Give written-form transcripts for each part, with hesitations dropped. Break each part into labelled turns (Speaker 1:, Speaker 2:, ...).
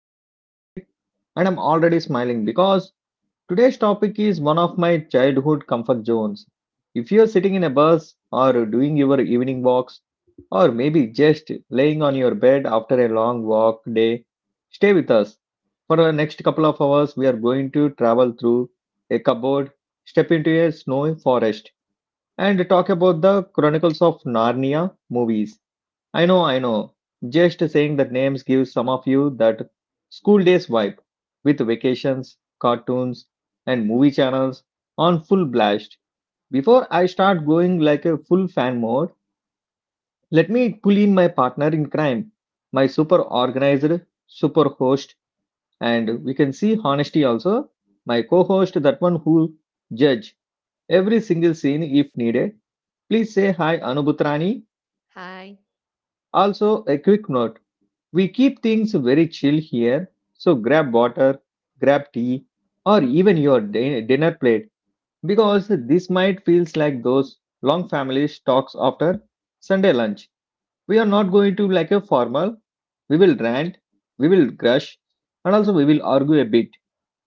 Speaker 1: I'm Yokartik, and I'm already smiling because today's topic is one of my childhood comfort zones. If you're sitting in a bus or doing your evening walks, or maybe just laying on your bed after a long walk day, stay with us. For the next couple of hours, we are going to travel through a cupboard, step into a snowy forest and talk about the Chronicles of Narnia movies. I know, I know. Just saying that names gives some of you that school days vibe with vacations, cartoons, and movie channels on full blast. Before I start going like a full fan mode, let me pull in my partner in crime, my super organizer, super host, and we can see honesty also. My co-host, that one who judge every single scene if needed. Please say hi, Anubhutrani.
Speaker 2: Hi.
Speaker 1: Also, a quick note we keep things very chill here, so grab water, grab tea, or even your dinner plate because this might feels like those long family talks after Sunday lunch. We are not going to like a formal. We will rant, we will crush, and also we will argue a bit,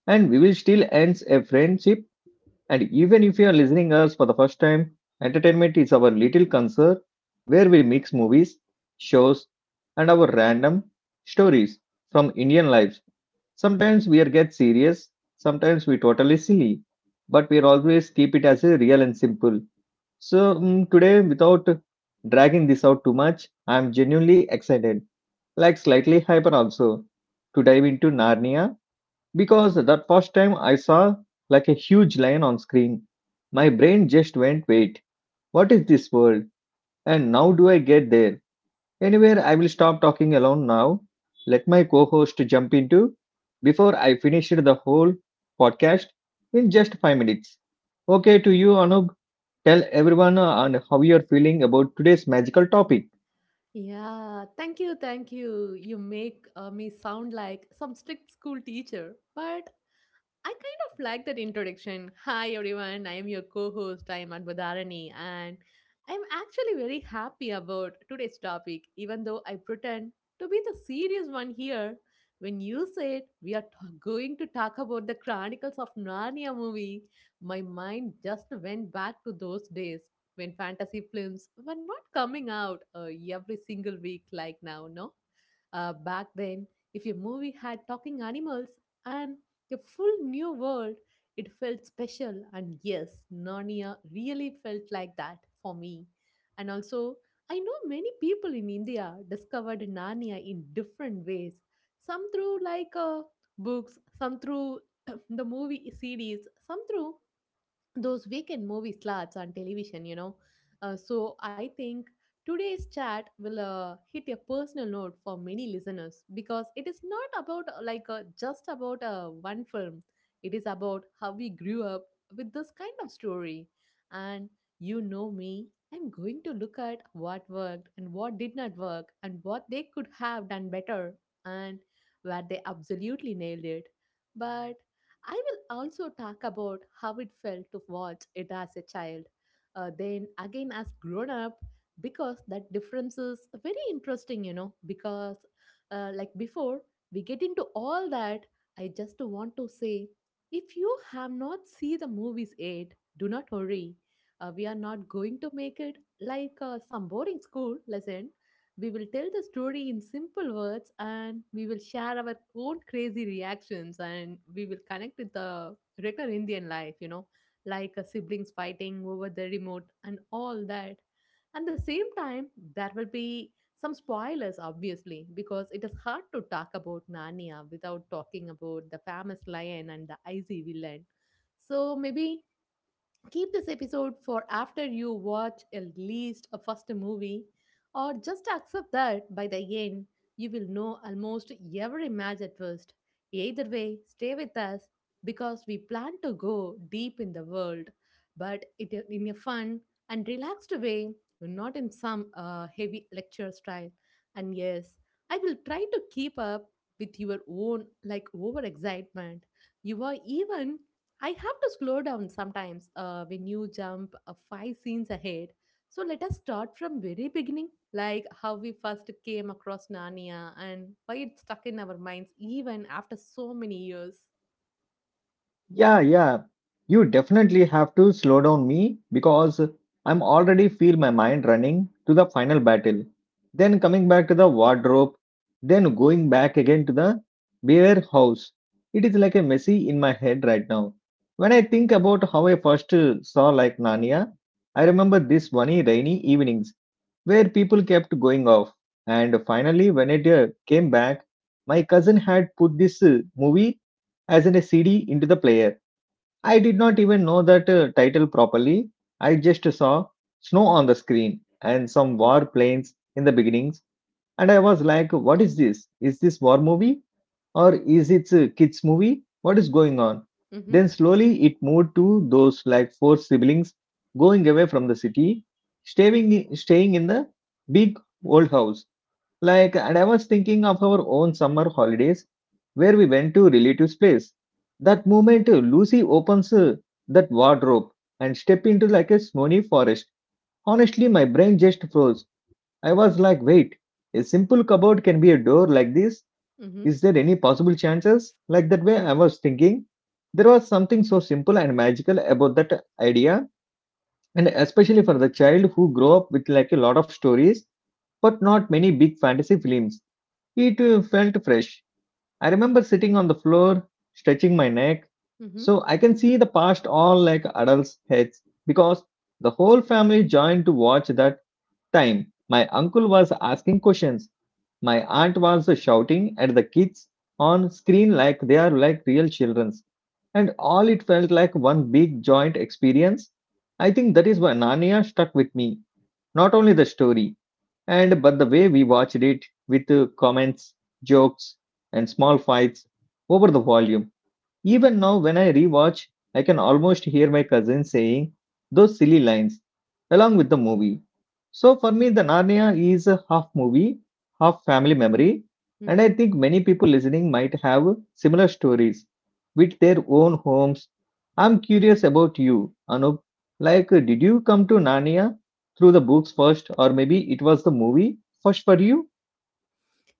Speaker 1: and we will still ends a friendship and even if you are listening us for the first time, entertainment is our little concert where we mix movies, shows, and our random stories from Indian lives. Sometimes we are get serious, sometimes we totally silly, but we are always keep it as a real and simple. So today, without dragging this out too much, I am genuinely excited, like slightly hyper also, to dive into Narnia because that first time I saw like a huge lion on screen, my brain just went, wait, what is this world? And now do I get there? Anyway, I will stop talking alone now. Let my co host jump into before I finish the whole podcast in just 5 minutes. Okay, to you, Anub, tell everyone on how you're feeling about today's magical topic.
Speaker 2: Yeah, thank you, thank you. You make me sound like some strict school teacher, but I kind of like that introduction. Hi everyone, I am your co-host. I am Anbadharani and I am actually very happy about today's topic even though I pretend to be the serious one here. When you said going to talk about the Chronicles of Narnia movie, my mind just went back to those days when fantasy films were not coming out every single week like now, no? Back then, if your movie had talking animals, and a full new world. It felt special, and yes, Narnia really felt like that for me. And also, I know many people in India discovered Narnia in different ways. Some through books, some through the movie series, some through those weekend movie slots on television, you know. So I think today's chat will hit a personal note for many listeners because it is not about just about one film. It is about how we grew up with this kind of story. And you know me, I'm going to look at what worked and what did not work and what they could have done better and where they absolutely nailed it. But I will also talk about how it felt to watch it as a child, then again as grown up, because that difference is very interesting, you know. Because, before, we get into all that. I just want to say, if you have not seen the movies yet, do not worry. We are not going to make it like some boring school lesson. We will tell the story in simple words and we will share our own crazy reactions and we will connect with the regular Indian life, you know, like siblings fighting over the remote and all that. At the same time, there will be some spoilers, obviously, because it is hard to talk about Narnia without talking about the famous lion and the icy villain. So maybe keep this episode for after you watch at least a first movie, or just accept that by the end you will know almost every match at first. Either way, stay with us because we plan to go deep in the world, but it, in a fun and relaxed way, not in some heavy lecture style. And yes, I will try to keep up with your own like over excitement. You are even I have to slow down sometimes when you jump five scenes ahead. So let us start from very beginning, like how we first came across Narnia and why it's stuck in our minds even after so many years.
Speaker 1: Yeah, yeah. You definitely have to slow down me because I'm already feel my mind running to the final battle. Then coming back to the wardrobe, then going back again to the beer house. It is like a messy in my head right now. When I think about how I first saw like Narnia, I remember this funny rainy evenings where people kept going off. And finally, when it came back, my cousin had put this movie as in a CD into the player. I did not even know that title properly. I just saw snow on the screen and some war planes in the beginnings, and I was like, "What is this? Is this war movie or is it a kids movie? What is going on?"
Speaker 2: Mm-hmm.
Speaker 1: Then slowly it moved to those like four siblings going away from the city, staying staying in the big old house like, and I was thinking of our own summer holidays where we went to relatives' place. That moment, Lucy opens that wardrobe and step into like a snowy forest. Honestly, my brain just froze. I was like, wait, a simple cupboard can be a door like this?
Speaker 2: Mm-hmm.
Speaker 1: Is there any possible chances? Like that way, I was thinking. There was something so simple and magical about that idea, and especially for the child who grew up with like a lot of stories but not many big fantasy films. It felt fresh. I remember sitting on the floor, stretching my neck,
Speaker 2: Mm-hmm.
Speaker 1: so I can see the past all like adults' heads because the whole family joined to watch that time. My uncle was asking questions. My aunt was shouting at the kids on screen like they are like real childrens. And all it felt like one big joint experience. I think that is why Narnia stuck with me. Not only the story, and but the way we watched it with comments, jokes, and small fights over the volume even now, when I rewatch, I can almost hear my cousin saying those silly lines along with the movie. So for me, the Narnia is a half movie, half family memory, and I
Speaker 2: Mm-hmm.
Speaker 1: think many people listening might have similar stories with their own homes. I'm curious about you, Anup. Like, did you come to Narnia through the books first, or maybe it was the movie first for you?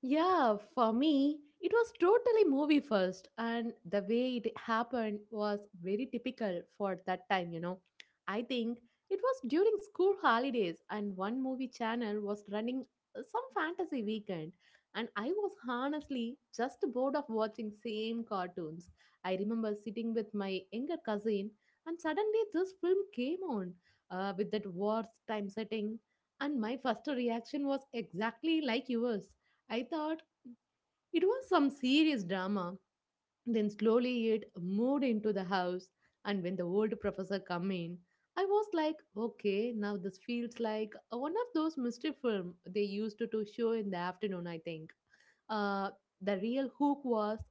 Speaker 2: Yeah, for me, it was totally movie first, and the way it happened was very typical for that time, you know. I think it was during school holidays, and one movie channel was running some fantasy weekend, and I was honestly just bored of watching same cartoons. I remember sitting with my younger cousin, and suddenly this film came on with that war time setting, and my first reaction was exactly like yours. I thought it was some serious drama. Then slowly it moved into the house, and when the old professor come in, I was like, okay, now this feels like one of those mystery film they used to show in the afternoon. I think. Uh, the real hook was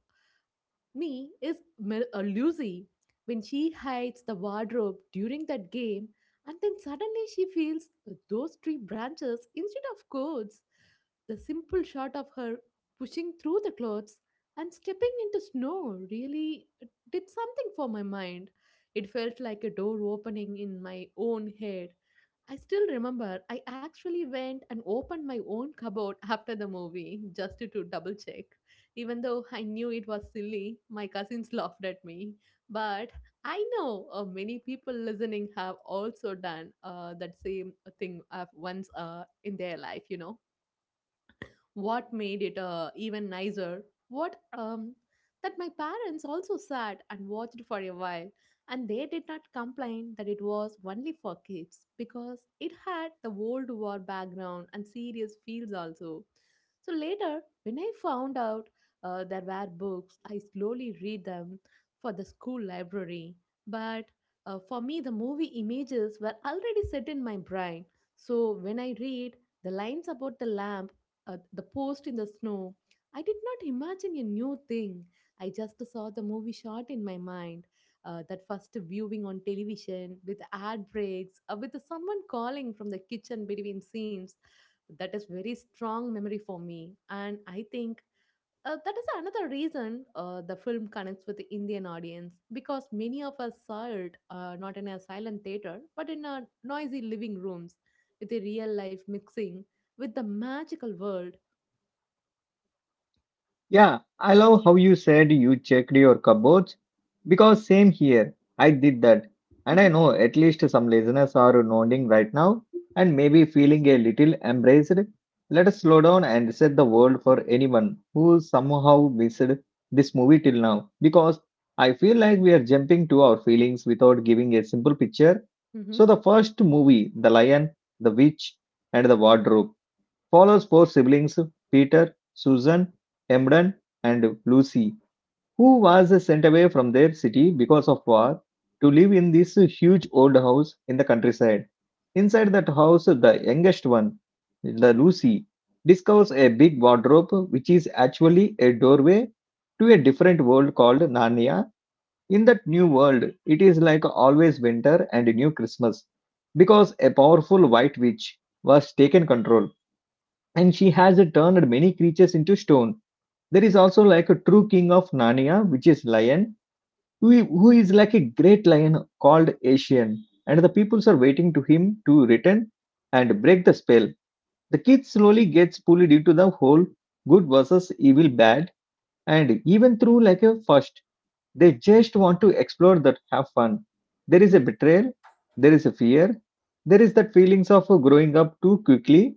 Speaker 2: me is Lucy when she hides the wardrobe during that game and then suddenly she feels those tree branches instead of coats. The simple shot of her pushing through the clothes and stepping into snow really did something for my mind. It felt like a door opening in my own head. I still remember I actually went and opened my own cupboard after the movie just to double check. Even though I knew it was silly, my cousins laughed at me. But I know many people listening have also done that same thing once in their life, you know what made it even nicer what that my parents also sat and watched for a while and they did not complain that it was only for kids because it had the World war background and serious fields also. So later when I found out there were books I slowly read them for the school library, but for me the movie images were already set in my brain, so when I read the lines about the lamp, the post in the snow. I did not imagine a new thing. I just saw the movie shot in my mind. That first viewing on television with ad breaks, with someone calling from the kitchen between scenes. That is very strong memory for me. And I think that is another reason the film connects with the Indian audience because many of us saw it not in a silent theater but in a noisy living rooms with a real life mixing with the magical world.
Speaker 1: Yeah, I love how you said you checked your cupboards because same here. I did that. And I
Speaker 2: Mhm.
Speaker 1: know at least some listeners are nodding right now and maybe feeling a little embraced. Let us slow down and set the world for anyone who somehow missed this movie till now because I feel like we are jumping to our feelings without giving a simple picture.
Speaker 2: Mhm.
Speaker 1: So, the first movie, The Lion, The Witch, and The Wardrobe follows four siblings Peter, Susan, Emden, and Lucy, who was sent away from their city because of war to live in this huge old house in the countryside. Inside that house, the youngest one, the Lucy, discovers a big wardrobe which is actually a doorway to a different world called Narnia. In that new world, it is like always winter and new Christmas because a powerful white witch was taken control and she has turned many creatures into stone. There is also like a true king of Narnia, which is lion, who is like a great lion called Asian, and the peoples are waiting to him to return and break the spell. The kid slowly gets pulled into the whole good versus evil bad, and even through like a first, they just want to explore that have fun. There is a
Speaker 2: Mhm.
Speaker 1: betrayal, there is a fear, there is that feelings of growing up too quickly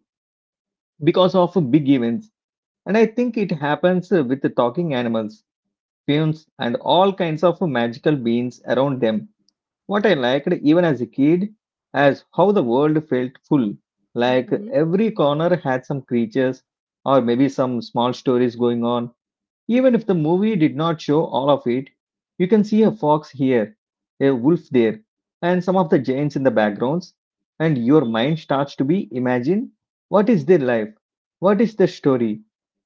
Speaker 1: because of big events and I think it happens with the talking animals, fumes, and all kinds of magical beings around them. What I liked even as a kid as how the world felt full. Like
Speaker 2: Mhm.
Speaker 1: every corner had some creatures or maybe some small stories going on. Even if the movie did not show all of it, you can see a fox here, a wolf there, and some of the giants in the backgrounds, and your mind starts to be imagine what is their life, what is their story.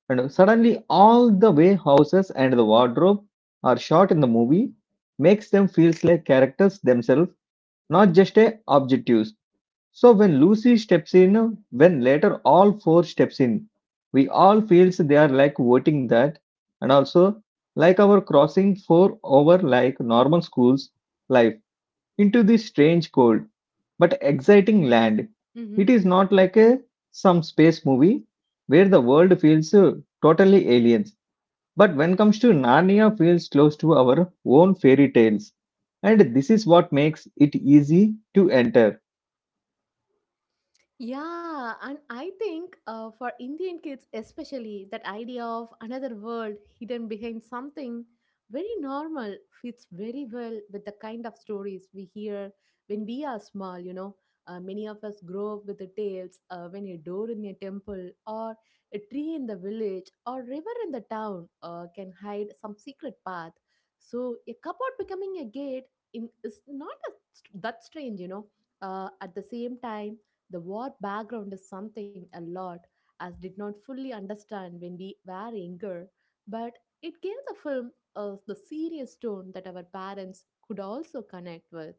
Speaker 1: And suddenly, all the way houses and the wardrobe are shot in the movie makes them feels like characters themselves, not just a objectives. So when Lucy steps in, when later all four steps in, we all feels they are like voting that, and also like our crossing four over like normal school's life into this strange cold but exciting land.
Speaker 2: Mhm.
Speaker 1: It is not like a some space movie where the world feels totally aliens. But when comes to Narnia, feels close to our own fairy tales, and this is what makes it easy to enter.
Speaker 2: Yeah, and I think for Indian kids especially, that idea of another world hidden behind something very normal fits very well with the kind of stories we hear when we are small, you know. Many of us grow up with the tales when a door in a temple or a tree in the village or river in the town can hide some secret path. So a cupboard becoming a gate in, is not a, that strange, you know. At the same time, the war background is something a lot as did not fully understand when we were younger, but it gave the film the serious tone that our parents could also connect with.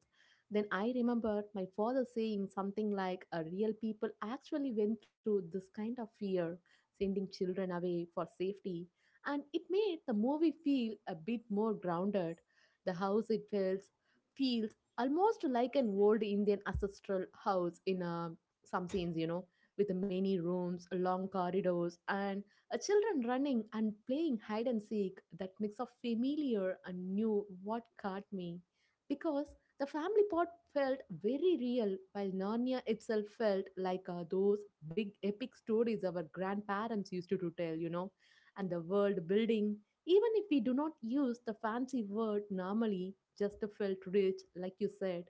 Speaker 2: Then I remember my father saying something like, "A real people actually went through this kind of fear, sending children away for safety," and it made the movie feel a bit more grounded. The house it feels almost like an old Indian ancestral house in a some scenes, you know, with many rooms, long corridors, and children running and playing hide and seek. That mix of familiar and new what caught me. Because the family part felt very real, while Narnia itself felt like those big epic stories our grandparents used to tell, you know, and the world building. Even if we do not use the fancy word normally, just felt rich, like you said.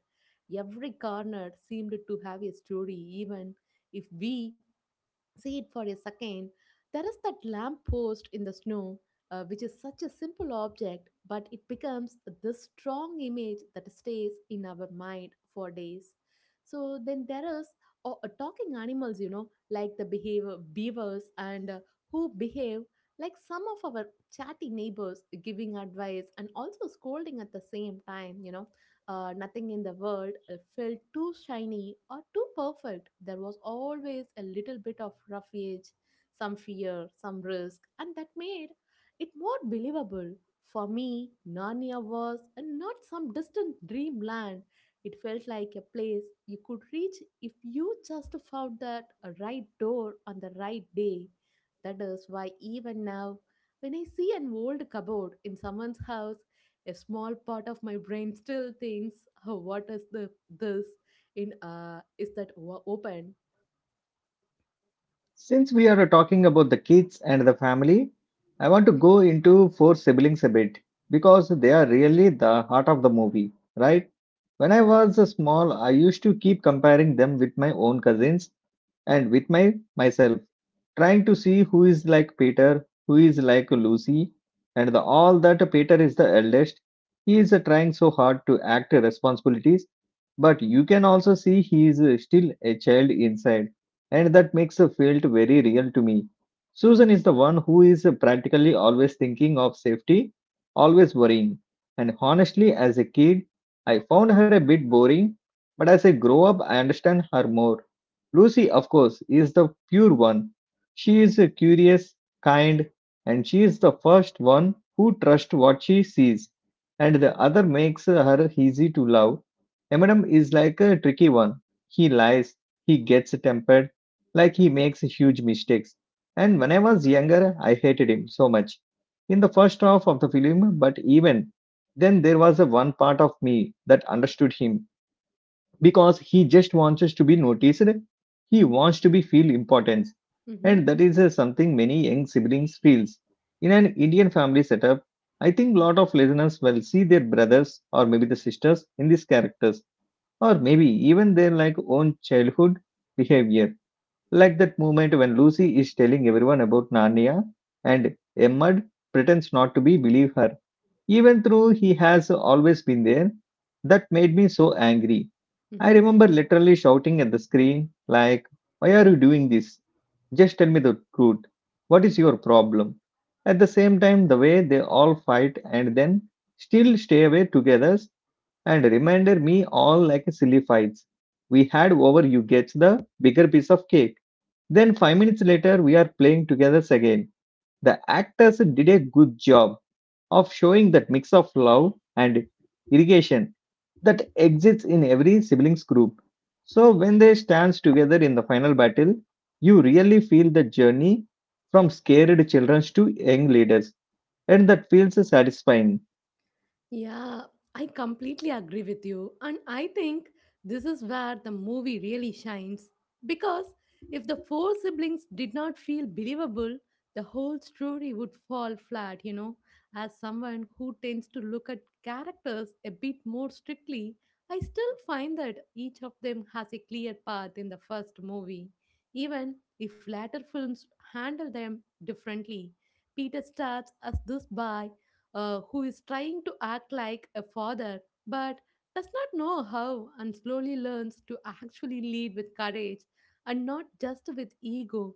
Speaker 2: Every corner seemed to have a story, even if we see it for a second. There is that lamp post in the snow, which is such a simple object, but it becomes this strong image that stays in our mind for days. So then there is talking animals, you know, like the behavior beavers and who behave like some of our chatty neighbors, giving advice and also scolding at the same time. You know, nothing in the world felt too shiny or too perfect. There was always a little bit of rough edge, some fear, some risk, and that made it more believable. For me, Narnia was not some distant dreamland. It felt like a place you could reach if you just found that right door on the right day. That is why even now, when I see an old cupboard in someone's house a small part of my brain still thinks, oh, what is the this in is that wa- open?
Speaker 1: Since we are talking about the kids and the family, I want to go into four siblings a bit because they are really the heart of the movie, right? When I was small, I used to keep comparing them with my own cousins, and with my myself trying to see who is like Peter, who is like Lucy, and the, all that. Peter is the eldest. He is trying so hard to act responsibilities, but you can also see he is still a child inside, and that makes it felt very real to me. Susan is the one who is practically always thinking of safety, always worrying, and honestly as a kid I found her a bit boring, but as I grow up I understand her more. Lucy, of course, is the pure one. She is a curious, kind, and she is the first one who trusts what she sees, and the other makes her easy to love. Eminem is like a tricky one. He lies, he gets tempered, like he makes huge mistakes. And when I was younger, I hated him so much. In the first half of the film, but even then, there was a one part of me that understood him because he just wants us to be noticed. He wants to be feel importance,
Speaker 2: Mm-hmm.
Speaker 1: and that is something many young siblings feels. In an Indian family setup, I think lot of listeners will see their brothers or maybe the sisters in these characters, or maybe even their like own childhood behavior, like that moment when Lucy is telling everyone about Narnia and Emmerd pretends not to be believe her even though he has always been there. That made me so angry. I
Speaker 2: Mm-hmm.
Speaker 1: remember literally shouting at the screen, like, why are you doing this? Just tell me the truth. What is your problem? At the same time, the way they all fight and then still stay away together and reminded me all like silly fights we had over you gets the bigger piece of cake. Then 5 minutes later we are playing together again. The actors did a good job of showing that mix of love and irrigation that exists in every siblings group. So when they stand together in the final battle, you really feel the journey from scared children to young leaders, and that feels satisfying.
Speaker 2: Yeah, I completely agree with you. And I think this is where the movie really shines. Because if the four siblings did not feel believable, the whole story would fall flat, you know. As someone who tends to look at characters a bit more strictly, I still find that each of them has a clear path in the first movie, even if later films handle them differently. Peter starts as this boy who is trying to act like a father but does not know how and slowly learns to actually lead with courage and not just with ego.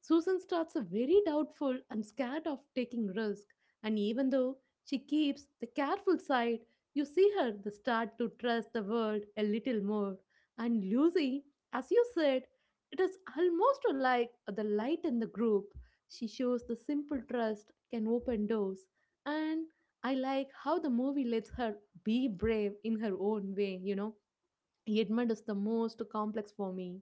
Speaker 2: Susan starts a very doubtful and scared of taking risk, and even though she keeps the careful side, you see her the start to trust the world a little more. And Lucy, as you said, it is almost like the light in the group. She shows the simple trust can open doors, and I like how the movie lets her be brave in her own way, you know. Edmund is the most complex for me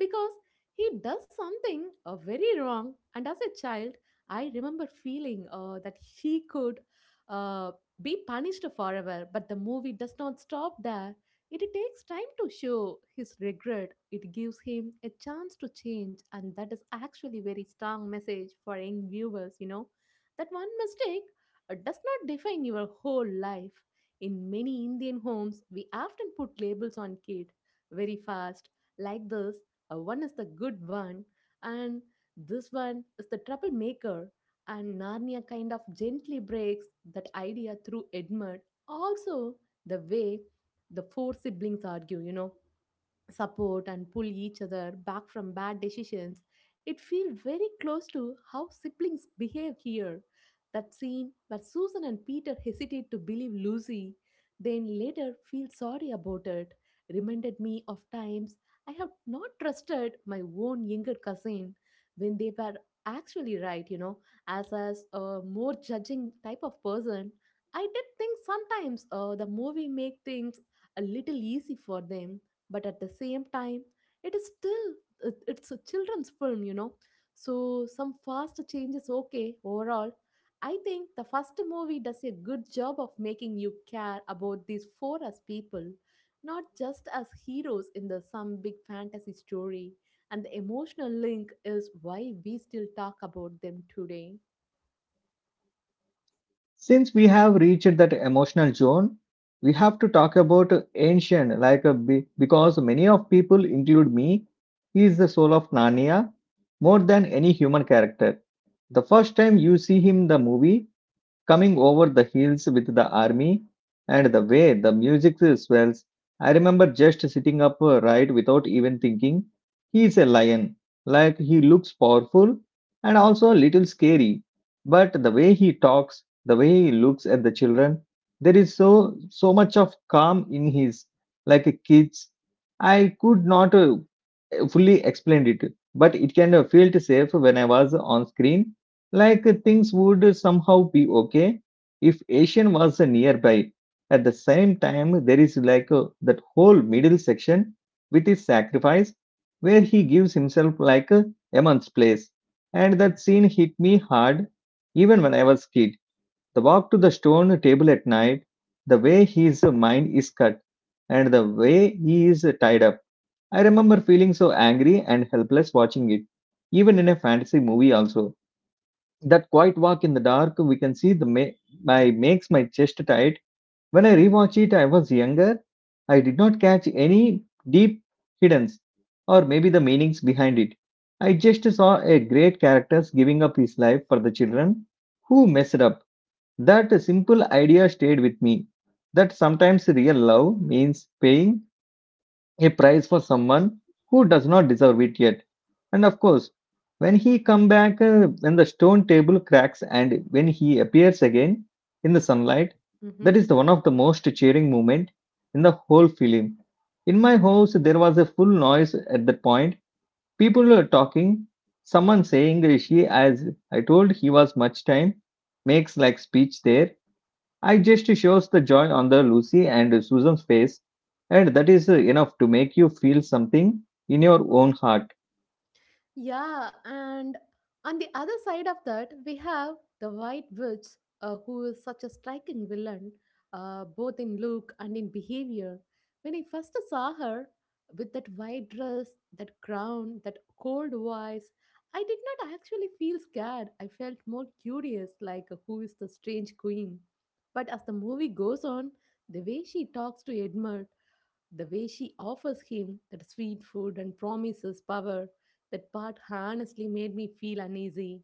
Speaker 2: because he does something very wrong. And as a child, I remember feeling that he could uh, be punished forever, but the movie does not stop there. It takes time to show his regret. It gives him a chance to change, and that is actually very strong message for young viewers. That one mistake does not define your whole life. In many Indian homes, we often put labels on kid very fast, like this. One is the good one, and this one is the troublemaker. And Narnia kind of gently breaks that idea through Edmund. Also, the way the four siblings argue, support and pull each other back from bad decisions. It feels very close to how siblings behave here. That scene where Susan and Peter hesitate to believe Lucy, then later feel sorry about it, reminded me of times I have not trusted my own younger cousin when they were actually right, you know, as a more judging type of person. I did think sometimes the movie make things a little easy for them, but at the same time, it is still it's a children's film, you know, so some fast changes. Okay, overall, I think the first movie does a good job of making you care about these four as people, not just as heroes in the some big fantasy story, and the emotional link is why we still talk about them today.
Speaker 1: Since we have reached that emotional zone, we have to talk about ancient, because many of people, include me, he is the soul of Narnia more than any human character. The first time you see him in the movie, coming over the hills with the army and the way the music swells. I remember just sitting up right without even thinking. He is a lion. Like he looks powerful and also a little scary. But the way he talks, the way he looks at the children, there is so much of calm in his like a kids. I could not fully explained it, but it kind of felt safe when I was on screen, like things would somehow be okay if Asian was nearby. At the same time, there is that whole middle section with his sacrifice, where he gives himself a immense place, and that scene hit me hard, even when I was kid. The walk to the stone table at night, the way his mind is cut, and the way he is tied up I remember feeling so angry and helpless watching it, even in a fantasy movie also. That quiet walk in the dark we can see the my makes my chest tight. When I rewatch it, I was younger. I did not catch any deep hiddens or maybe the meanings behind it. I just saw a great character giving up his life for the children who messed up. That simple idea stayed with me. That sometimes real love means paying a prize for someone who does not deserve it yet. And of course, when he come back, when the stone table cracks and when he appears again in the sunlight, that
Speaker 2: Mm-hmm.
Speaker 1: is the one of the most cheering moment in the whole film. In my house, there was a full noise at that point. People were talking. Someone saying she, as I told, he was much time, makes like speech there. I just shows the joy on the Lucy and Susan's face, and that is enough to make you feel something in your own heart.
Speaker 2: Yeah, and on the other side of that, we have the White Witch, who is such a striking villain, both in look and in behavior. When I first saw her with that white dress, that crown, that cold voice, I did not actually feel scared. I felt more curious, like who is the strange queen. But as the movie goes on, the way she talks to Edmund, the way she offers him that sweet food and promises power, that part honestly made me feel uneasy.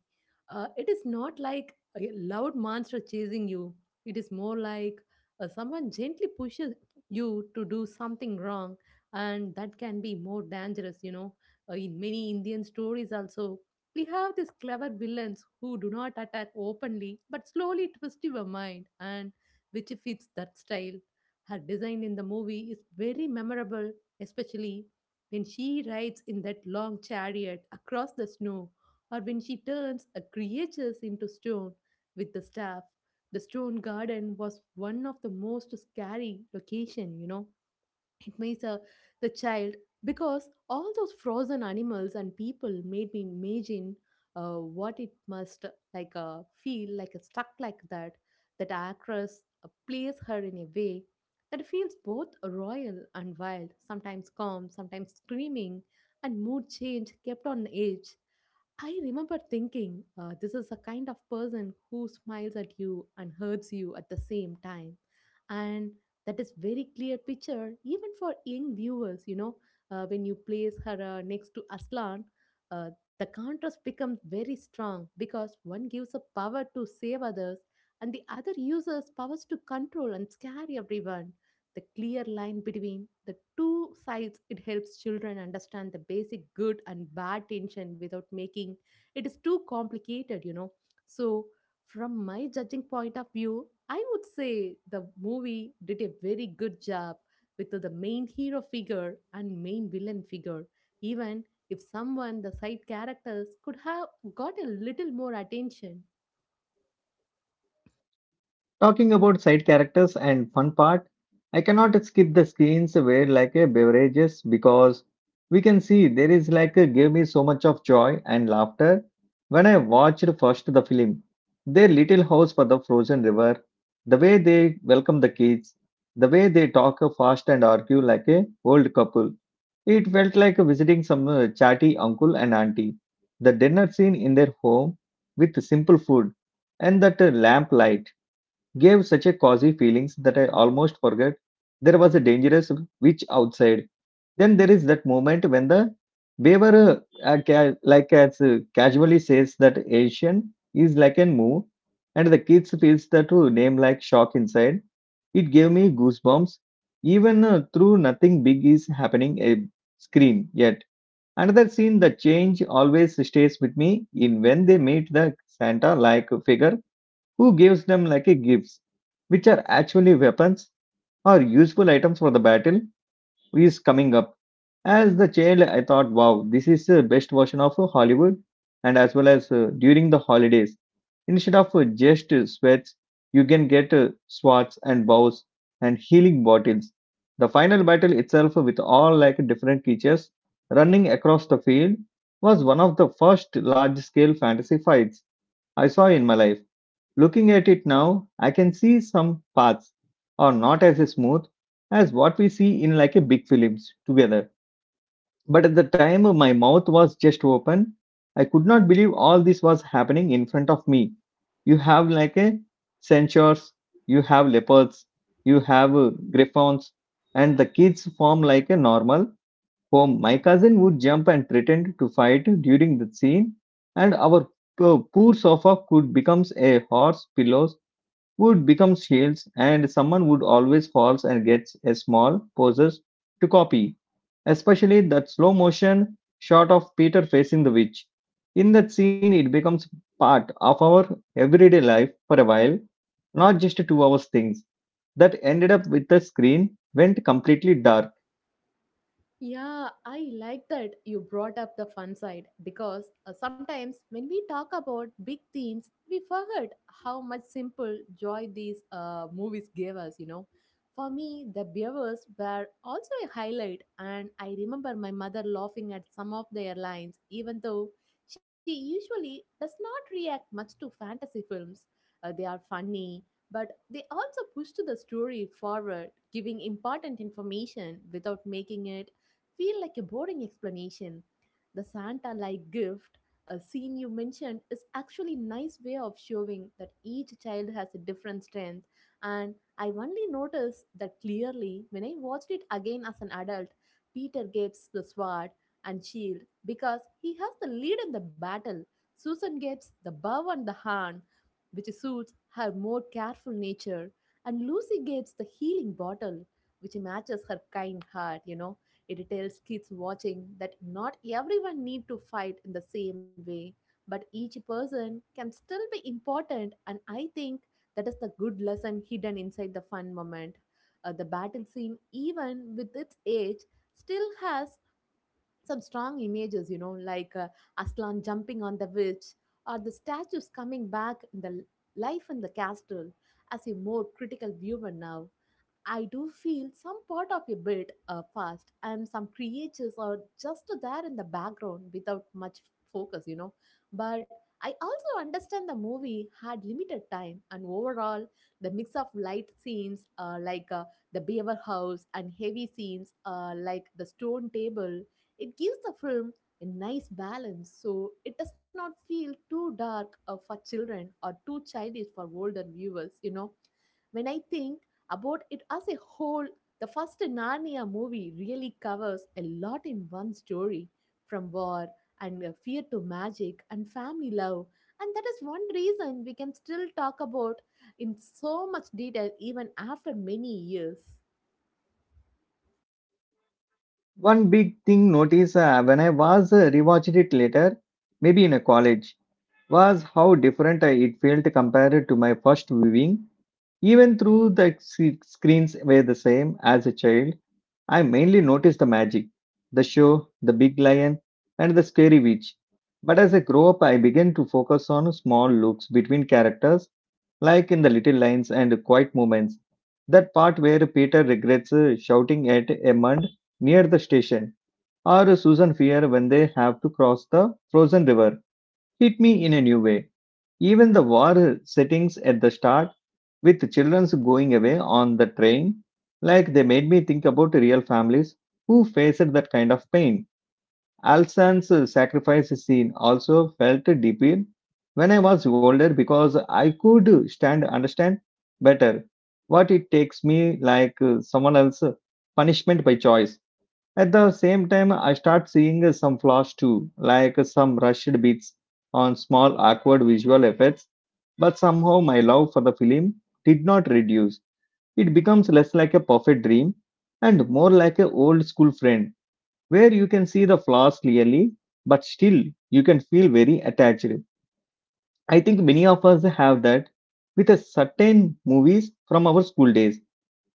Speaker 2: It is not like a loud monster chasing you, it is more like someone gently pushes you to do something wrong, and that can be more dangerous, you know. In many Indian stories, also, we have these clever villains who do not attack openly but slowly twist your mind, and which fits that style. Her design in the movie is very memorable, especially when she rides in that long chariot across the snow or when she turns a creature into stone with the staff. The stone garden was one of the most scary location, you know, it makes a, the child, because all those frozen animals and people made me imagine what it must like feel like a stuck like that. That actress plays her in a way that feels both royal and wild, sometimes calm, sometimes screaming, and mood change kept on edge. I remember thinking, this is a kind of person who smiles at you and hurts you at the same time. And that is very clear picture even for young viewers, you know, when you place her next to Aslan, the contrast becomes very strong because one gives a power to save others and the other uses powers to control and scare everyone. The clear line between the two sides, it helps children understand the basic good and bad tension without making it is too complicated, you know, so from my judging point of view, I would say the movie did a very good job with the main hero figure and main villain figure, even if someone the side characters could have got a little more attention.
Speaker 1: Talking about side characters and fun part, I cannot skip the scenes where like a beverages because we can see there is like a gave me so much of joy and laughter when I watched first the film. Their little house for the frozen river, the way they welcome the kids, the way they talk fast and argue like a old couple It felt like visiting some chatty uncle and auntie. The dinner scene in their home with simple food and that lamp light. Gave such a cozy feelings that I almost forgot there was a dangerous witch outside. Then there is that moment when the beaver, ca- like as casually says that Asian is like a moo, and the kids feels that name like shock inside. It gave me goosebumps, even through nothing big is happening a screen yet. Another scene, the change always stays with me in when they meet the Santa like figure who gives them like a gifts, which are actually weapons or useful items for the battle is coming up. As the child, I thought, wow, this is the best version of Hollywood, and as well as during the holidays, instead of just sweats, you can get swords and bows and healing bottles. The final battle itself, with all like different creatures running across the field, was one of the first large scale fantasy fights I saw in my life Looking at it now, I can see some paths are not as smooth as what we see in like a big films together. But at the time my mouth was just open, I could not believe all this was happening in front of me. You have like a centaurs, you have leopards, you have griffons, and the kids form like a normal home. My cousin would jump and pretend to fight during the scene, and our poor sofa could becomes a horse pillow would become shields, and someone would always falls and gets a small poses to copy. Especially that slow motion shot of Peter facing the witch. In that scene, it becomes part of our everyday life for a while, not just 2 hours things. That ended up with the screen went completely dark.
Speaker 2: Yeah, I like that you brought up the fun side because sometimes when we talk about big themes, we forget how much simple joy these movies gave us, you know. For me, the beavers were also a highlight, and I remember my mother laughing at some of their lines, even though she usually does not react much to fantasy films. They are funny, but they also pushed the story forward, giving important information without making it feel like a boring explanation. The Santa like gift, a scene you mentioned, is actually nice way of showing that each child has a different strength. And I only noticed that clearly when I watched it again as an adult. Peter gets the sword and shield because he has the lead in the battle. Susan gets the bow and the horn, which suits her more careful nature. And Lucy gets the healing bottle, which matches her kind heart, you know. It tells kids watching that not everyone need to fight in the same way, but each person can still be important, and I think that is the good lesson hidden inside the fun moment. The battle scene, even with its age, still has some strong images, you know, like Aslan jumping on the witch or the statues coming back in the life in the castle. As a more critical viewer now, I do feel some part of a bit fast, and some creatures are just there in the background without much focus, you know. But I also understand the movie had limited time, and overall, the mix of light scenes like the beaver house and heavy scenes like the stone table, it gives the film a nice balance. So it does not feel too dark for children or too childish for older viewers, you know. When I think about it as a whole, the first Narnia movie really covers a lot in one story, from war and fear to magic and family love. And that is one reason we can still talk about in so much detail even after many years.
Speaker 1: One big thing noticed when I was rewatched it later, maybe in a college, was how different it felt compared to my first viewing Even through the screens were the same as a child, I mainly noticed the magic, the show, the big lion, and the scary witch. But as I grew up, I began to focus on small looks between characters, like in the little lines and quiet moments. That part where Peter regrets shouting at Edmund near the station, or Susan fear when they have to cross the frozen river, hit me in a new way. Even the war settings at the start with children's going away on the train, like they made me think about real families who faced that kind of pain. Alsan's sacrifice scene also felt deeper when I was older because I could stand understand better what it takes me like someone else punishment by choice. At the same time, I start seeing some flaws too, like some rushed beats on small awkward visual effects. But somehow my love for the film did not reduce. It becomes less like a perfect dream and more like an old school friend where you can see the flaws clearly, but still you can feel very attached. I think many of us have that with a certain movies from our school days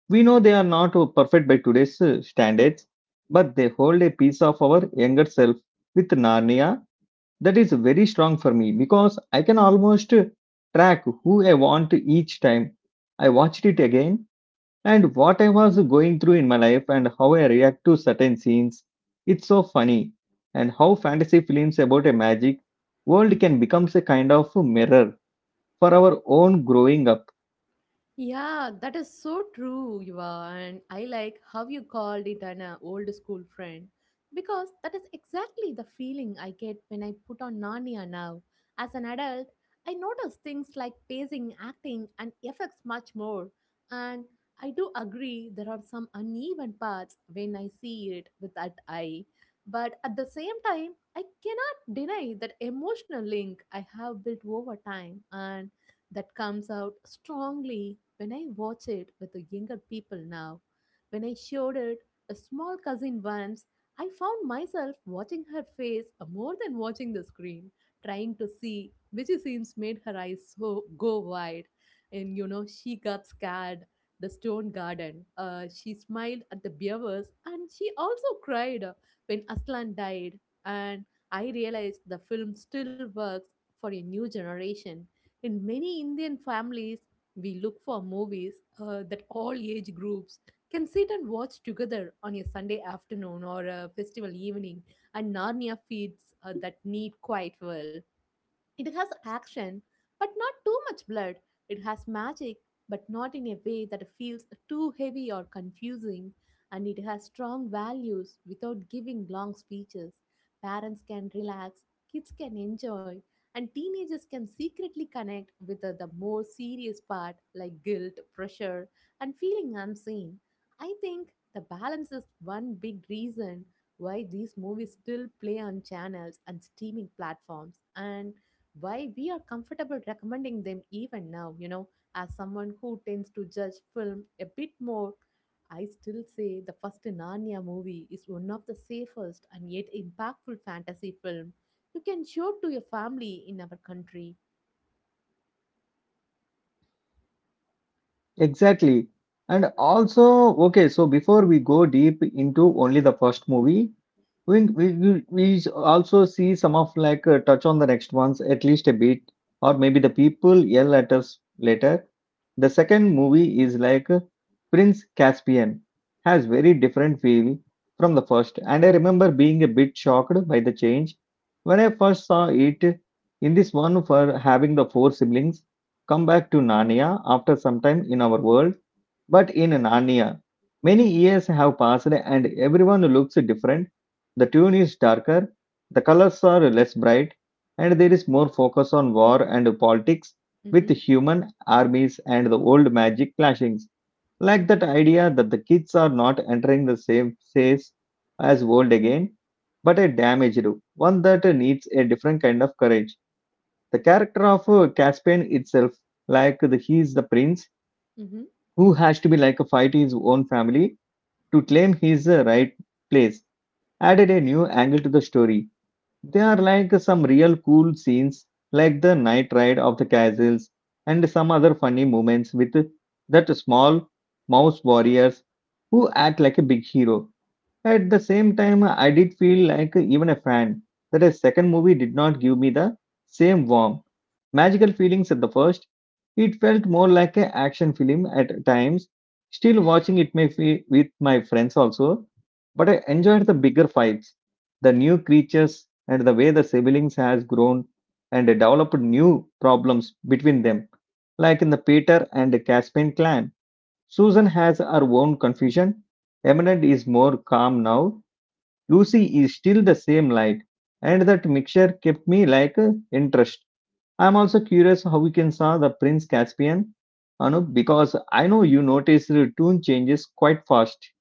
Speaker 1: we know they are not perfect by today's standards, but they hold a piece of our younger self with Narnia that is very strong for me because I can almost track who I want each time I watched it again and what I was going through in my life and how I react to certain scenes. It's so funny and how fantasy films about a magic world can become a kind of mirror for our own growing up.
Speaker 2: Yeah, that is so true, Yuva. And I like how you called it an old school friend because that is exactly the feeling I get when I put on Narnia now. As an adult, I notice things like pacing, acting, and effects much more. And I do agree there are some uneven parts when I see it with that eye. But at the same time, I cannot deny that emotional link I have built over time, and that comes out strongly when I watch it with the younger people now. When I showed it a small cousin once, I found myself watching her face more than watching the screen, trying to see which scenes made her eyes so go wide. And you know, she got scared. The stone garden. She smiled at the beavers and she also cried when Aslan died. And I realized the film still works for a new generation. In many Indian families, we look for movies that all age groups can sit and watch together on a Sunday afternoon or a festival evening, and Narnia feeds that need quite well. It has action, but not too much blood. It has magic, but not in a way that feels too heavy or confusing. And it has strong values without giving long speeches. Parents can relax, kids can enjoy, and teenagers can secretly connect with the more serious part like guilt, pressure, and feeling unseen. I think the balance is one big reason why these movies still play on channels and streaming platforms, and why we are comfortable recommending them even now, you know, as someone who tends to judge film a bit more. I still say the first Narnia movie is one of the safest and yet impactful fantasy film you can show to your family in our country.
Speaker 1: Exactly. And also, okay, so before we go deep into only the first movie, we also see some of touch on the next ones at least a bit, or maybe the people yell at us later. The second movie is like Prince Caspian has very different feel from the first, and I remember being a bit shocked by the change when I first saw it. In this one, for having the four siblings come back to Narnia after some time in our world but in Narnia, many years have passed and everyone looks different. The tune is darker, the colors are less bright, and there is more focus on war and politics with
Speaker 2: Mm-hmm.
Speaker 1: human armies and the old magic clashings. Like that idea that the kids are not entering the same phase as old again, but a damaged one that needs a different kind of courage the character of Caspian itself, like he is the prince,
Speaker 2: Mm-hmm.
Speaker 1: who has to be like a fight his own family to claim his right place added a new angle to the story there are like some real cool scenes like the night ride of the castles and some other funny moments with that small mouse warriors who act like a big hero at the same time, I did feel like even a fan that a second movie did not give me the same warm, magical feelings at the first. It felt more like an action film at times. Still watching it may feel with my friends also, but I enjoyed the bigger fights, the new creatures, and the way the siblings has grown and developed new problems between them, like in the Peter and Caspian clan. Susan has her own confusion. Eminent is more calm now. Lucy is still the same light, and that mixture kept me interest. I'm also curious how we can saw the Prince Caspian, Anup, because I know you noticed the tune changes quite fast.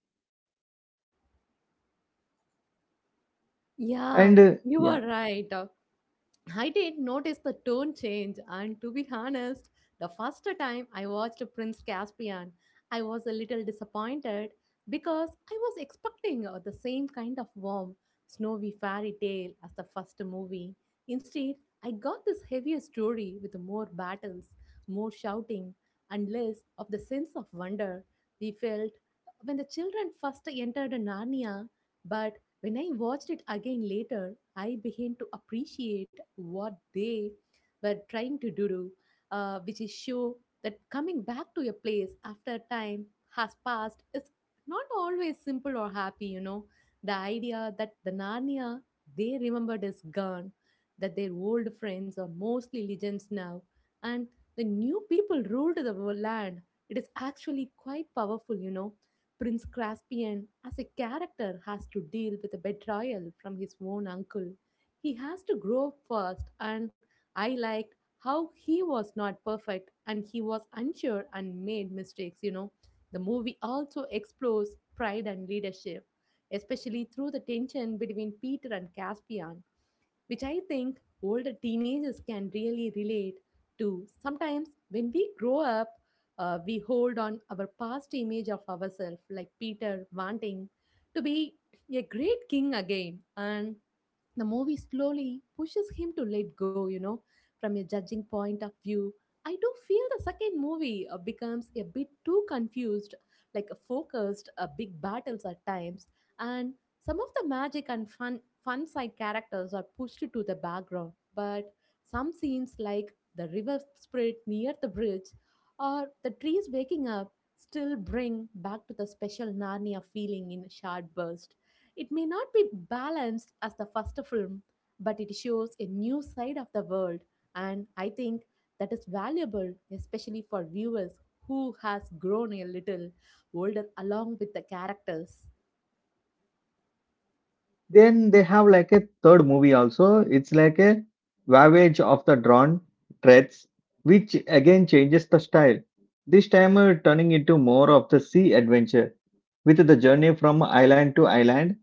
Speaker 2: Yeah,
Speaker 1: And
Speaker 2: you
Speaker 1: yeah,
Speaker 2: are right. I did notice the tone change, and to be honest, the first time I watched Prince Caspian, I was a little disappointed because I was expecting the same kind of warm, snowy fairy tale as the first movie. Instead, I got this heavier story with more battles, more shouting, and less of the sense of wonder we felt when the children first entered Narnia. But when I watched it again later, I began to appreciate what they were trying to do, which is show that coming back to a place after time has passed is not always simple or happy, you know. The idea that the Narnia they remembered is gone, that their old friends are mostly legends now, and the new people ruled the land. It is actually quite powerful, you know. Prince Caspian, as a character, has to deal with a betrayal from his own uncle. He has to grow up first, and I liked how he was not perfect and he was unsure and made mistakes. You know, the movie also explores pride and leadership, especially through the tension between Peter and Caspian, which I think older teenagers can really relate to. Sometimes when we grow up, we hold on our past image of ourselves, like Peter wanting to be a great king again, and the movie slowly pushes him to let go, you know, from a judging point of view. I do feel the second movie becomes a bit too confused, like focused, big battles at times, and some of the magic and fun side characters are pushed to the background. But some scenes, like the river spirit near the bridge or the trees waking up, still bring back to the special Narnia feeling in a short burst. It may not be balanced as the first film, but it shows a new side of the world, and I think that is valuable, especially for viewers who has grown a little older along with the characters.
Speaker 1: then they have like a third movie also. It's like a voyage of the drawn threads, which again changes the style. This time turning into more of the sea adventure with the journey from island to island.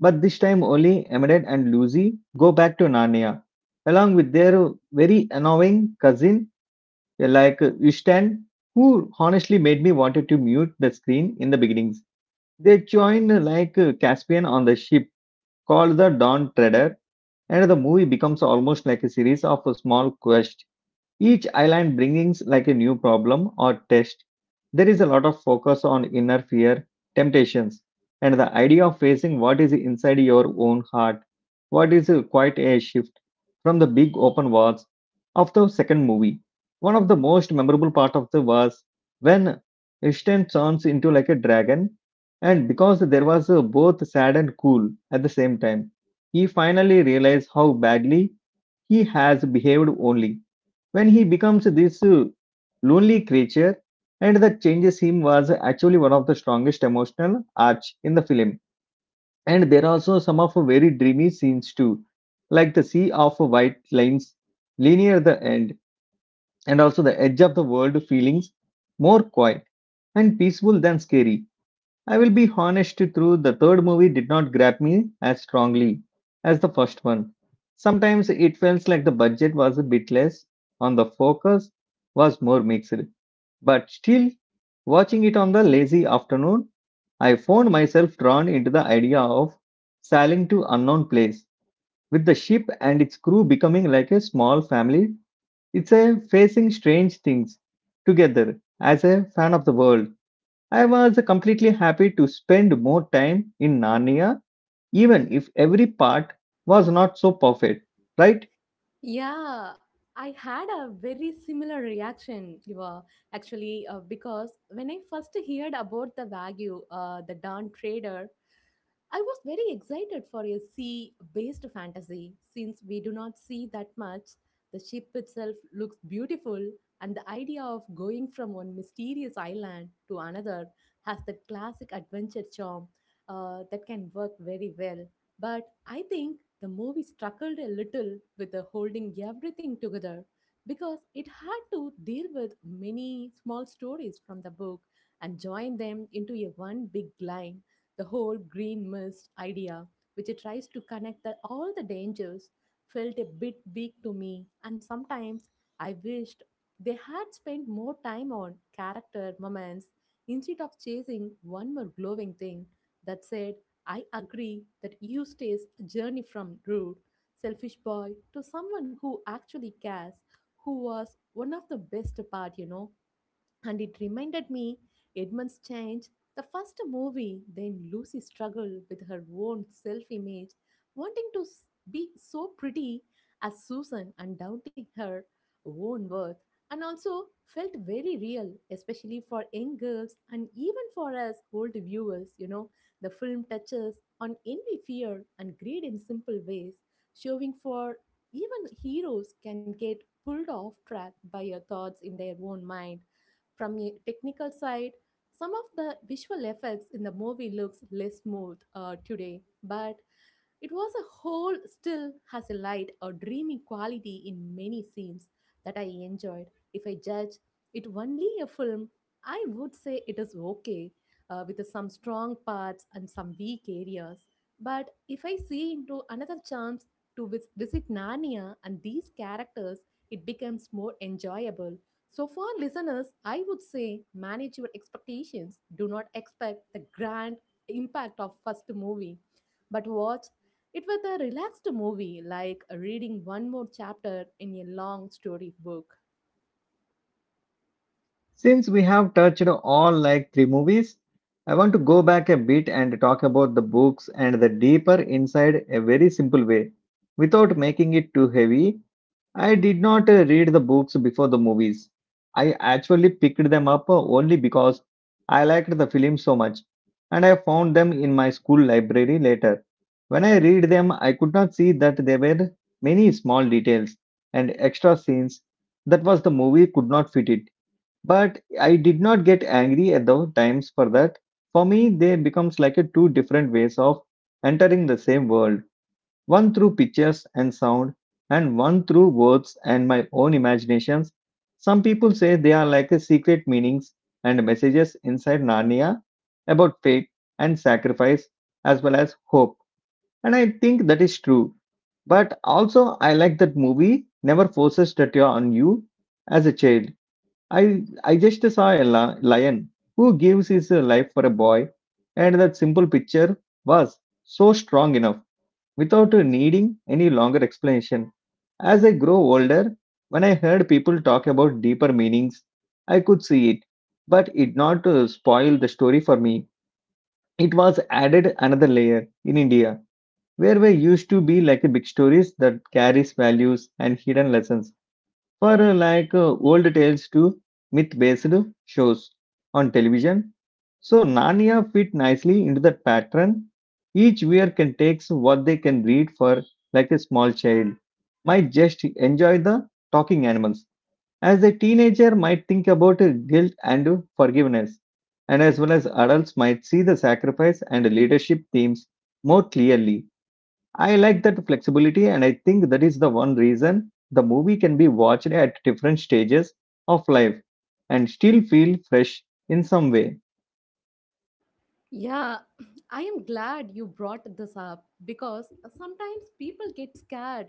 Speaker 1: But this time only Emmett and Lucy go back to Narnia along with their very annoying cousin like Ishtan, who honestly made me wanted to mute the screen in the beginnings. They join Caspian on the ship called The Dawn Treader, and the movie becomes almost like a series of small quests, each island brings like a new problem or test. There is a lot of focus on inner fear, temptations, and the idea of facing what is inside your own heart. What is quite a shift from the big open wars of the second movie. One of the most memorable part of the was when Ishtan turns into like a dragon, and because there was both sad and cool at the same time, he finally realized how badly he has behaved only when he becomes this lonely creature and that changes him was actually one of the strongest emotional arcs in the film. And there are also some of very dreamy scenes too, like the sea of white lines linear the end, and also the edge of the world feelings more quiet and peaceful than scary. I will be honest through the third movie did not grab me as strongly as the first one. Sometimes it felt like the budget was a bit less, on the focus was more mixed. But still, watching it on the lazy afternoon, I found myself drawn into the idea of sailing to unknown place with the ship and its crew becoming like a small family. It's a facing strange things together. As a fan of the world, I was completely happy to spend more time in Narnia, even if every part was not so perfect, right?
Speaker 2: Yeah, I had a very similar reaction, Yuva, actually, because when I first heard about the Wagyu, the Don trader, I was very excited for a sea based fantasy since we do not see that much. The ship itself looks beautiful, and the idea of going from one mysterious island to another has that classic adventure charm that can work very well. But I think the movie struggled a little with the holding everything together because it had to deal with many small stories from the book and join them into a one big line the whole green mist idea, which it tries to connect that all the dangers, felt a bit weak to me, and sometimes I wished they had spent more time on character moments instead of chasing one more glowing thing that said, I agree that you stays a journey from rude, selfish boy to someone who actually cares, who was one of the best part, And it reminded me Edmund's change, the first movie, then Lucy struggled with her own self image, wanting to be so pretty as Susan and doubting her own worth, and also felt very real, especially for young girls and even for us old viewers. You know, the film touches on envy, fear, and greed in simple ways, showing for even heroes can get pulled off track by your thoughts in their own mind from a technical side, some of the visual effects in the movie looks less smooth today, but it was a whole still has a light or dreamy quality in many scenes that I enjoyed. If I judge it only a film, I would say it is okay with some strong parts and some weak areas. But if I see into another chance to visit Narnia and these characters, it becomes more enjoyable. So, for listeners, I would say manage your expectations. Do not expect the grand impact of first movie, but watch it with a relaxed movie like reading one more chapter in a long story book.
Speaker 1: Since we have touched all like three movies, I want to go back a bit and talk about the books and the deeper inside a very simple way. Without making it too heavy, I did not read the books before the movies. I actually picked them up only because I liked the film so much and I found them in my school library later. When I read them, I could not see that there were many small details and extra scenes that was the movie could not fit it but I did not get angry at those times for that. For me, they becomes like a two different ways of entering the same world. One through pictures and sound, and one through words and my own imaginations. Some people say they are like a secret meanings and messages inside Narnia about fate and sacrifice as well as hope. And I think that is true. But also I like that movie never forces that you on you as a child I just saw a lion who gives his life for a boy, and that simple picture was so strong enough without needing any longer explanation. As I grow older, when I heard people talk about deeper meanings, I could see it, but it not spoil the story for me. It was added another layer in India, where we used to be like a big stories that carries values and hidden lessons for old tales to myth-based shows on television. So Narnia fit nicely into that pattern. Each viewer can take what they can read for like a small child might just enjoy the talking animals. As a teenager might think about guilt and forgiveness. And as well as adults might see the sacrifice and leadership themes more clearly. I like that flexibility, and I think that is the one reason the movie can be watched at different stages of life and still feel fresh in some way.
Speaker 2: Yeah, I am glad you brought this up because sometimes people get scared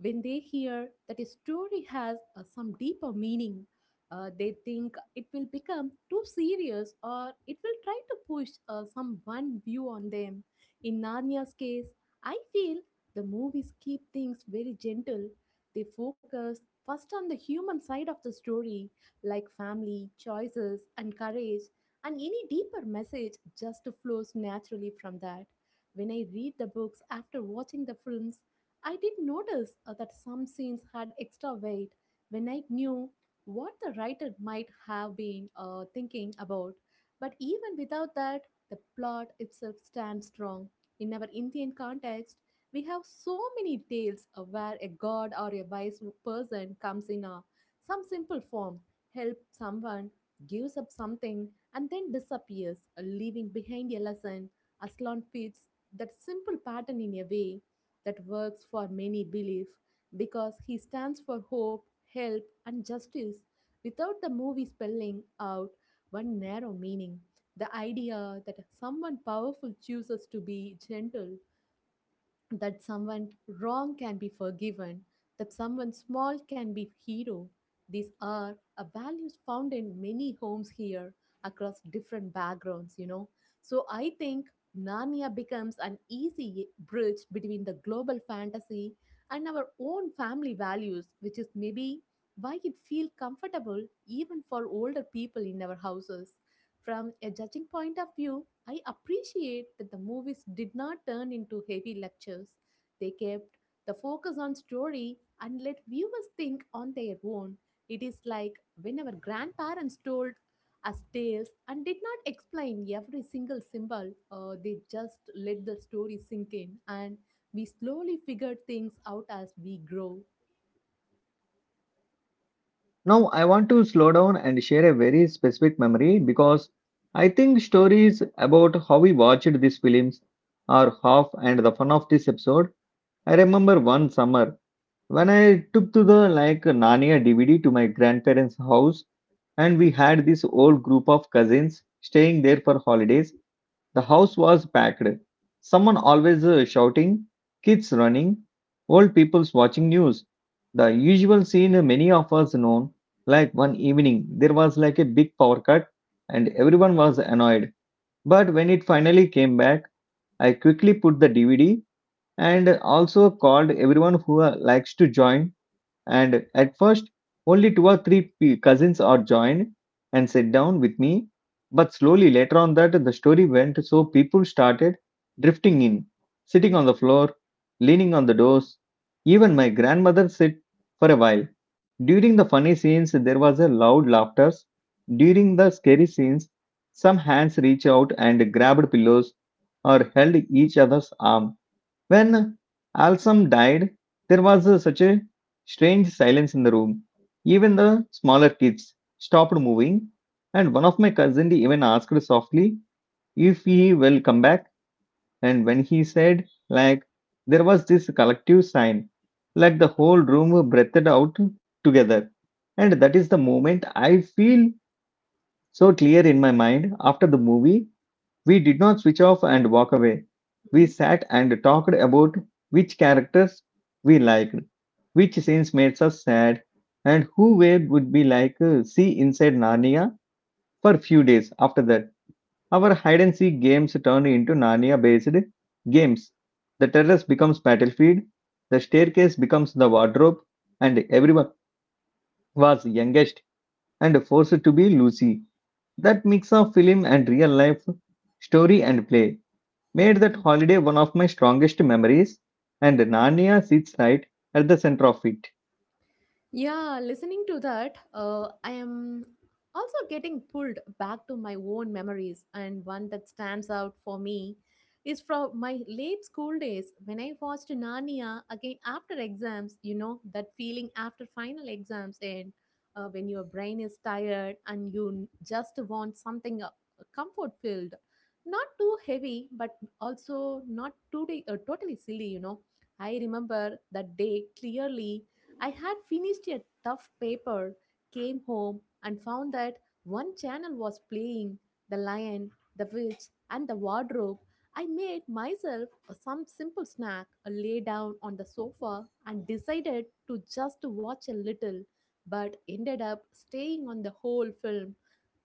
Speaker 2: when they hear that a story has some deeper meaning. They think it will become too serious or it will try to push some one view on them. In Narnia's case, I feel the movies keep things very gentle. They focus first on the human side of the story, like family, choices, and courage and any deeper message just flows naturally from that. When I read the books after watching the films, I did notice that some scenes had extra weight when I knew what the writer might have been thinking about. But even without that, the plot itself stands strong. In our Indian context, we have so many tales where a god or a wise person comes in a, some simple form, helps someone, gives up something, and then disappears, leaving behind a lesson. Aslan fits that simple pattern in a way that works for many belief because he stands for hope, help, and justice without the movie spelling out one narrow meaning. The idea that someone powerful chooses to be gentle that someone wrong can be forgiven, that someone small can be hero. These are a values found in many homes here across different backgrounds, you know. So I think Narnia becomes an easy bridge between the global fantasy and our own family values, which is maybe why it feels comfortable even for older people in our houses. From a judging point of view, I appreciate that the movies did not turn into heavy lectures. They kept the focus on story and let viewers think on their own. It is like when our grandparents told us tales and did not explain every single symbol, they just let the story sink in and we slowly figured things out as we grow.
Speaker 1: Now, I want to slow down and share a very specific memory because I think stories about how we watched these films are half and the fun of this episode. I remember one summer when I took to the like Narnia DVD to my grandparents' house and we had this old group of cousins staying there for holidays. The house was packed. Someone always shouting, kids running, old people watching news. The usual scene many of us known. Like one evening, there was like a big power cut and everyone was annoyed. But when it finally came back, I quickly put the DVD and also called everyone who likes to join, and at first only two or three cousins are joined and sat down with me, but slowly later on that the story went so people started drifting in, sitting on the floor, leaning on the doors, even my grandmother sat for a while. During the funny scenes there was a loud laughter, during the scary scenes some hands reached out and grabbed pillows or held each other's arm. When Alsam died, there was such a strange silence in the room. Even the smaller kids stopped moving, and one of my cousins even asked softly if he will come back. And when he said, like, there was this collective sign, like the whole room breathed out together. And that is the moment I feel so clear in my mind. After the movie we did not switch off and walk away. We
Speaker 2: Mhm.
Speaker 1: sat and talked about which characters we liked, which scenes made us sad, and who we would be like see inside Narnia for a few days after that. Our hide and seek games turned into Narnia based games. The terrace becomes battlefield, the staircase becomes the wardrobe, and everyone was youngest and forced to be Lucy. That mix of film and real life, story and play made that holiday one of my strongest memories, and Narnia sits right at the center of it.
Speaker 2: Yeah, listening to that, I am also getting pulled back to my own memories, and one that stands out for me is from my late school days when I watched Narnia again after exams. You know, that feeling after final exams, and when your brain is tired and you just want something comfort filled, not too heavy, but also not too totally silly, you know. I remember that day clearly I had finished a tough paper, came home, and found that one channel was playing The Lion, The Witch, and The Wardrobe. I made myself some simple snack, lay down on the sofa, and decided to just watch a little, but ended up staying on the whole film.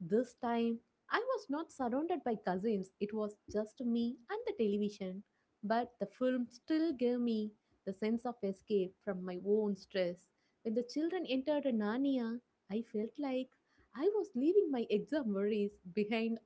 Speaker 2: This time, I was not surrounded by cousins, it was just me and the television. But the film still gave me the sense of escape from my own stress. When the children entered Narnia, I felt like I was leaving my exam worries behind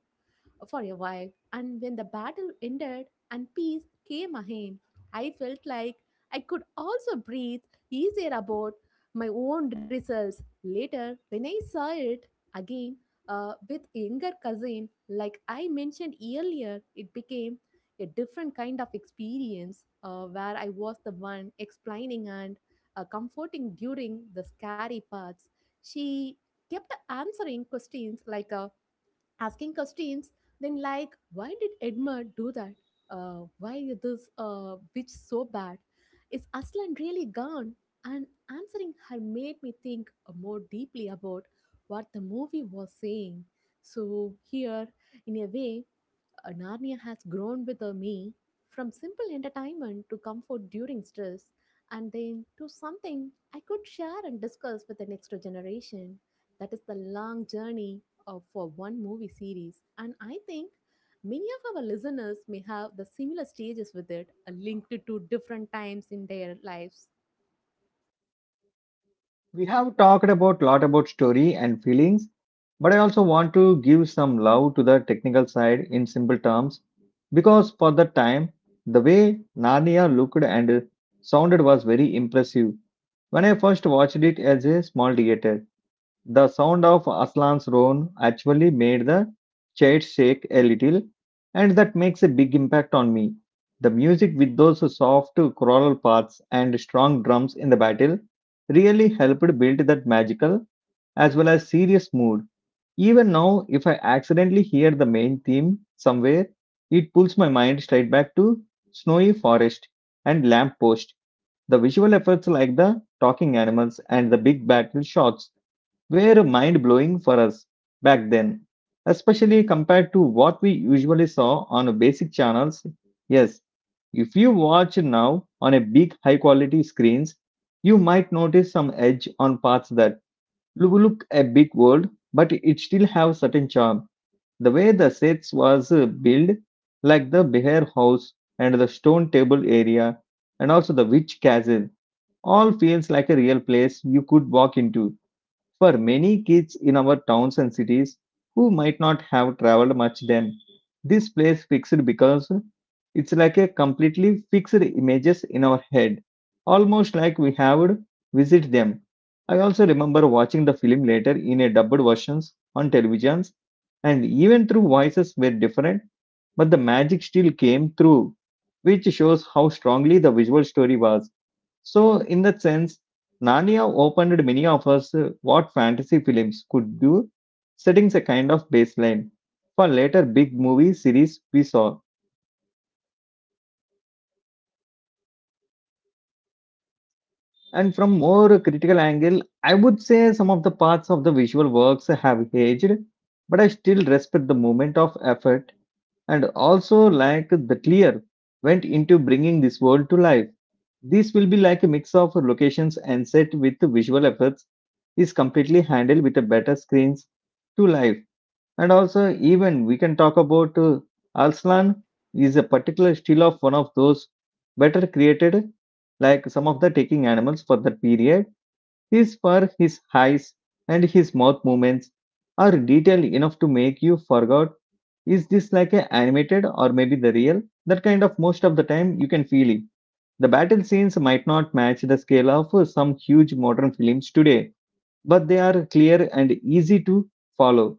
Speaker 2: for a while, and when the battle ended and peace came again, I felt like I could also breathe easier about my own results. Later, when I saw it again with younger cousin, like I mentioned earlier, it became a different kind of experience where I was the one explaining and comforting during the scary parts. She kept answering questions like, asking questions then like why did Edmund do that, why is this bitch so bad, is Aslan really gone, and answering her made me think more deeply about what the movie was saying so here in a way Narnia has grown with me from simple entertainment to comfort during stress and then to something I could share and discuss with the next generation. That is the long journey of, for one movie series. And I think many of our listeners may have the similar stages with it, linked to different times in their lives.
Speaker 1: We have talked about lot about story and feelings, but I also want to give some love to the technical side in simple terms because for the time, the way Narnia looked and sounded was very impressive when I first watched it as a small theater. The sound of Aslan's roan actually made the chair shake a little, and that makes a big impact on me. The music with those soft choral parts and strong drums in the battle really helped build that magical as well as serious mood. Even now, if I accidentally hear the main theme somewhere, it pulls my mind straight back to snowy forest and lamppost. The visual efforts like the talking animals and the big battle shots were mind blowing for us back then, especially compared to what we usually saw on basic channels. Yes, if you watch now on a big high quality screens, you might notice some edge on parts that look a big world, but it still have certain charm. The way the sets was built, like the bear house and the stone table area, and also the witch castle, all feels like a real place you could walk into. For many kids in our towns and cities who might not have traveled much then, this place fixed because it's like a completely fixed images in our head, almost like we have visit them. I also remember watching the film later in a dubbed versions on televisions, and even through voices were different, but the magic still came through, which shows how strongly the visual story was. So, in that sense, Narnia opened many of us what fantasy films could do, setting a kind of baseline for later big movie series we saw. And from more critical angle, I would say some of the parts of the visual works have aged, but I still respect the moment of effort and also like the clear went into bringing this world to life. This will be like a mix of locations and set with visual effects is completely handled with a better screens to life. And also even we can talk about Arslan is a particular still of one of those better created like some of the taking animals for that period, his fur, his eyes and his mouth movements are detailed enough to make you forget: is this like a animated or maybe the real, that kind of most of the time you can feel it. The battle scenes might not match the scale of some huge modern films today, but they are clear and easy to follow,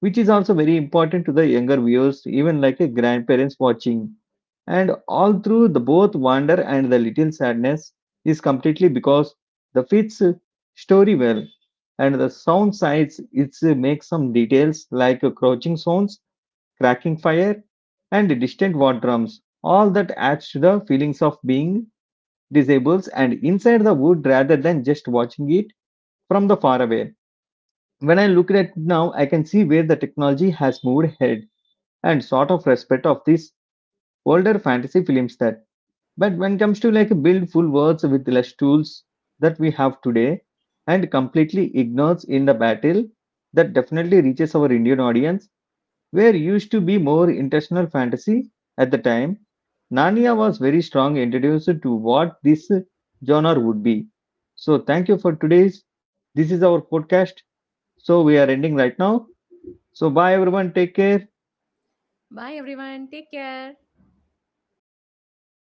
Speaker 1: which is also very important to the younger viewers, even like a grandparents watching. And all through the both wonder and the little sadness is completely because the fits story well, and the sound sides it makes some details like crouching sounds, cracking fire, and distant war drums. All that adds to the feelings of being disables and inside the wood rather than just watching it from the far away. When I look at it now, I can see where the technology has moved ahead and sort of respect of these older fantasy films that. But when it comes to like build full worlds with less tools that we have today and completely ignores in the battle, that definitely reaches our Indian audience were used to be more intentional fantasy at the time. Narnia was very strong introduced to what this genre would be. So thank you for today's. This is our podcast. So we are ending right now. So bye everyone. Take care.
Speaker 2: Bye, everyone. Take care.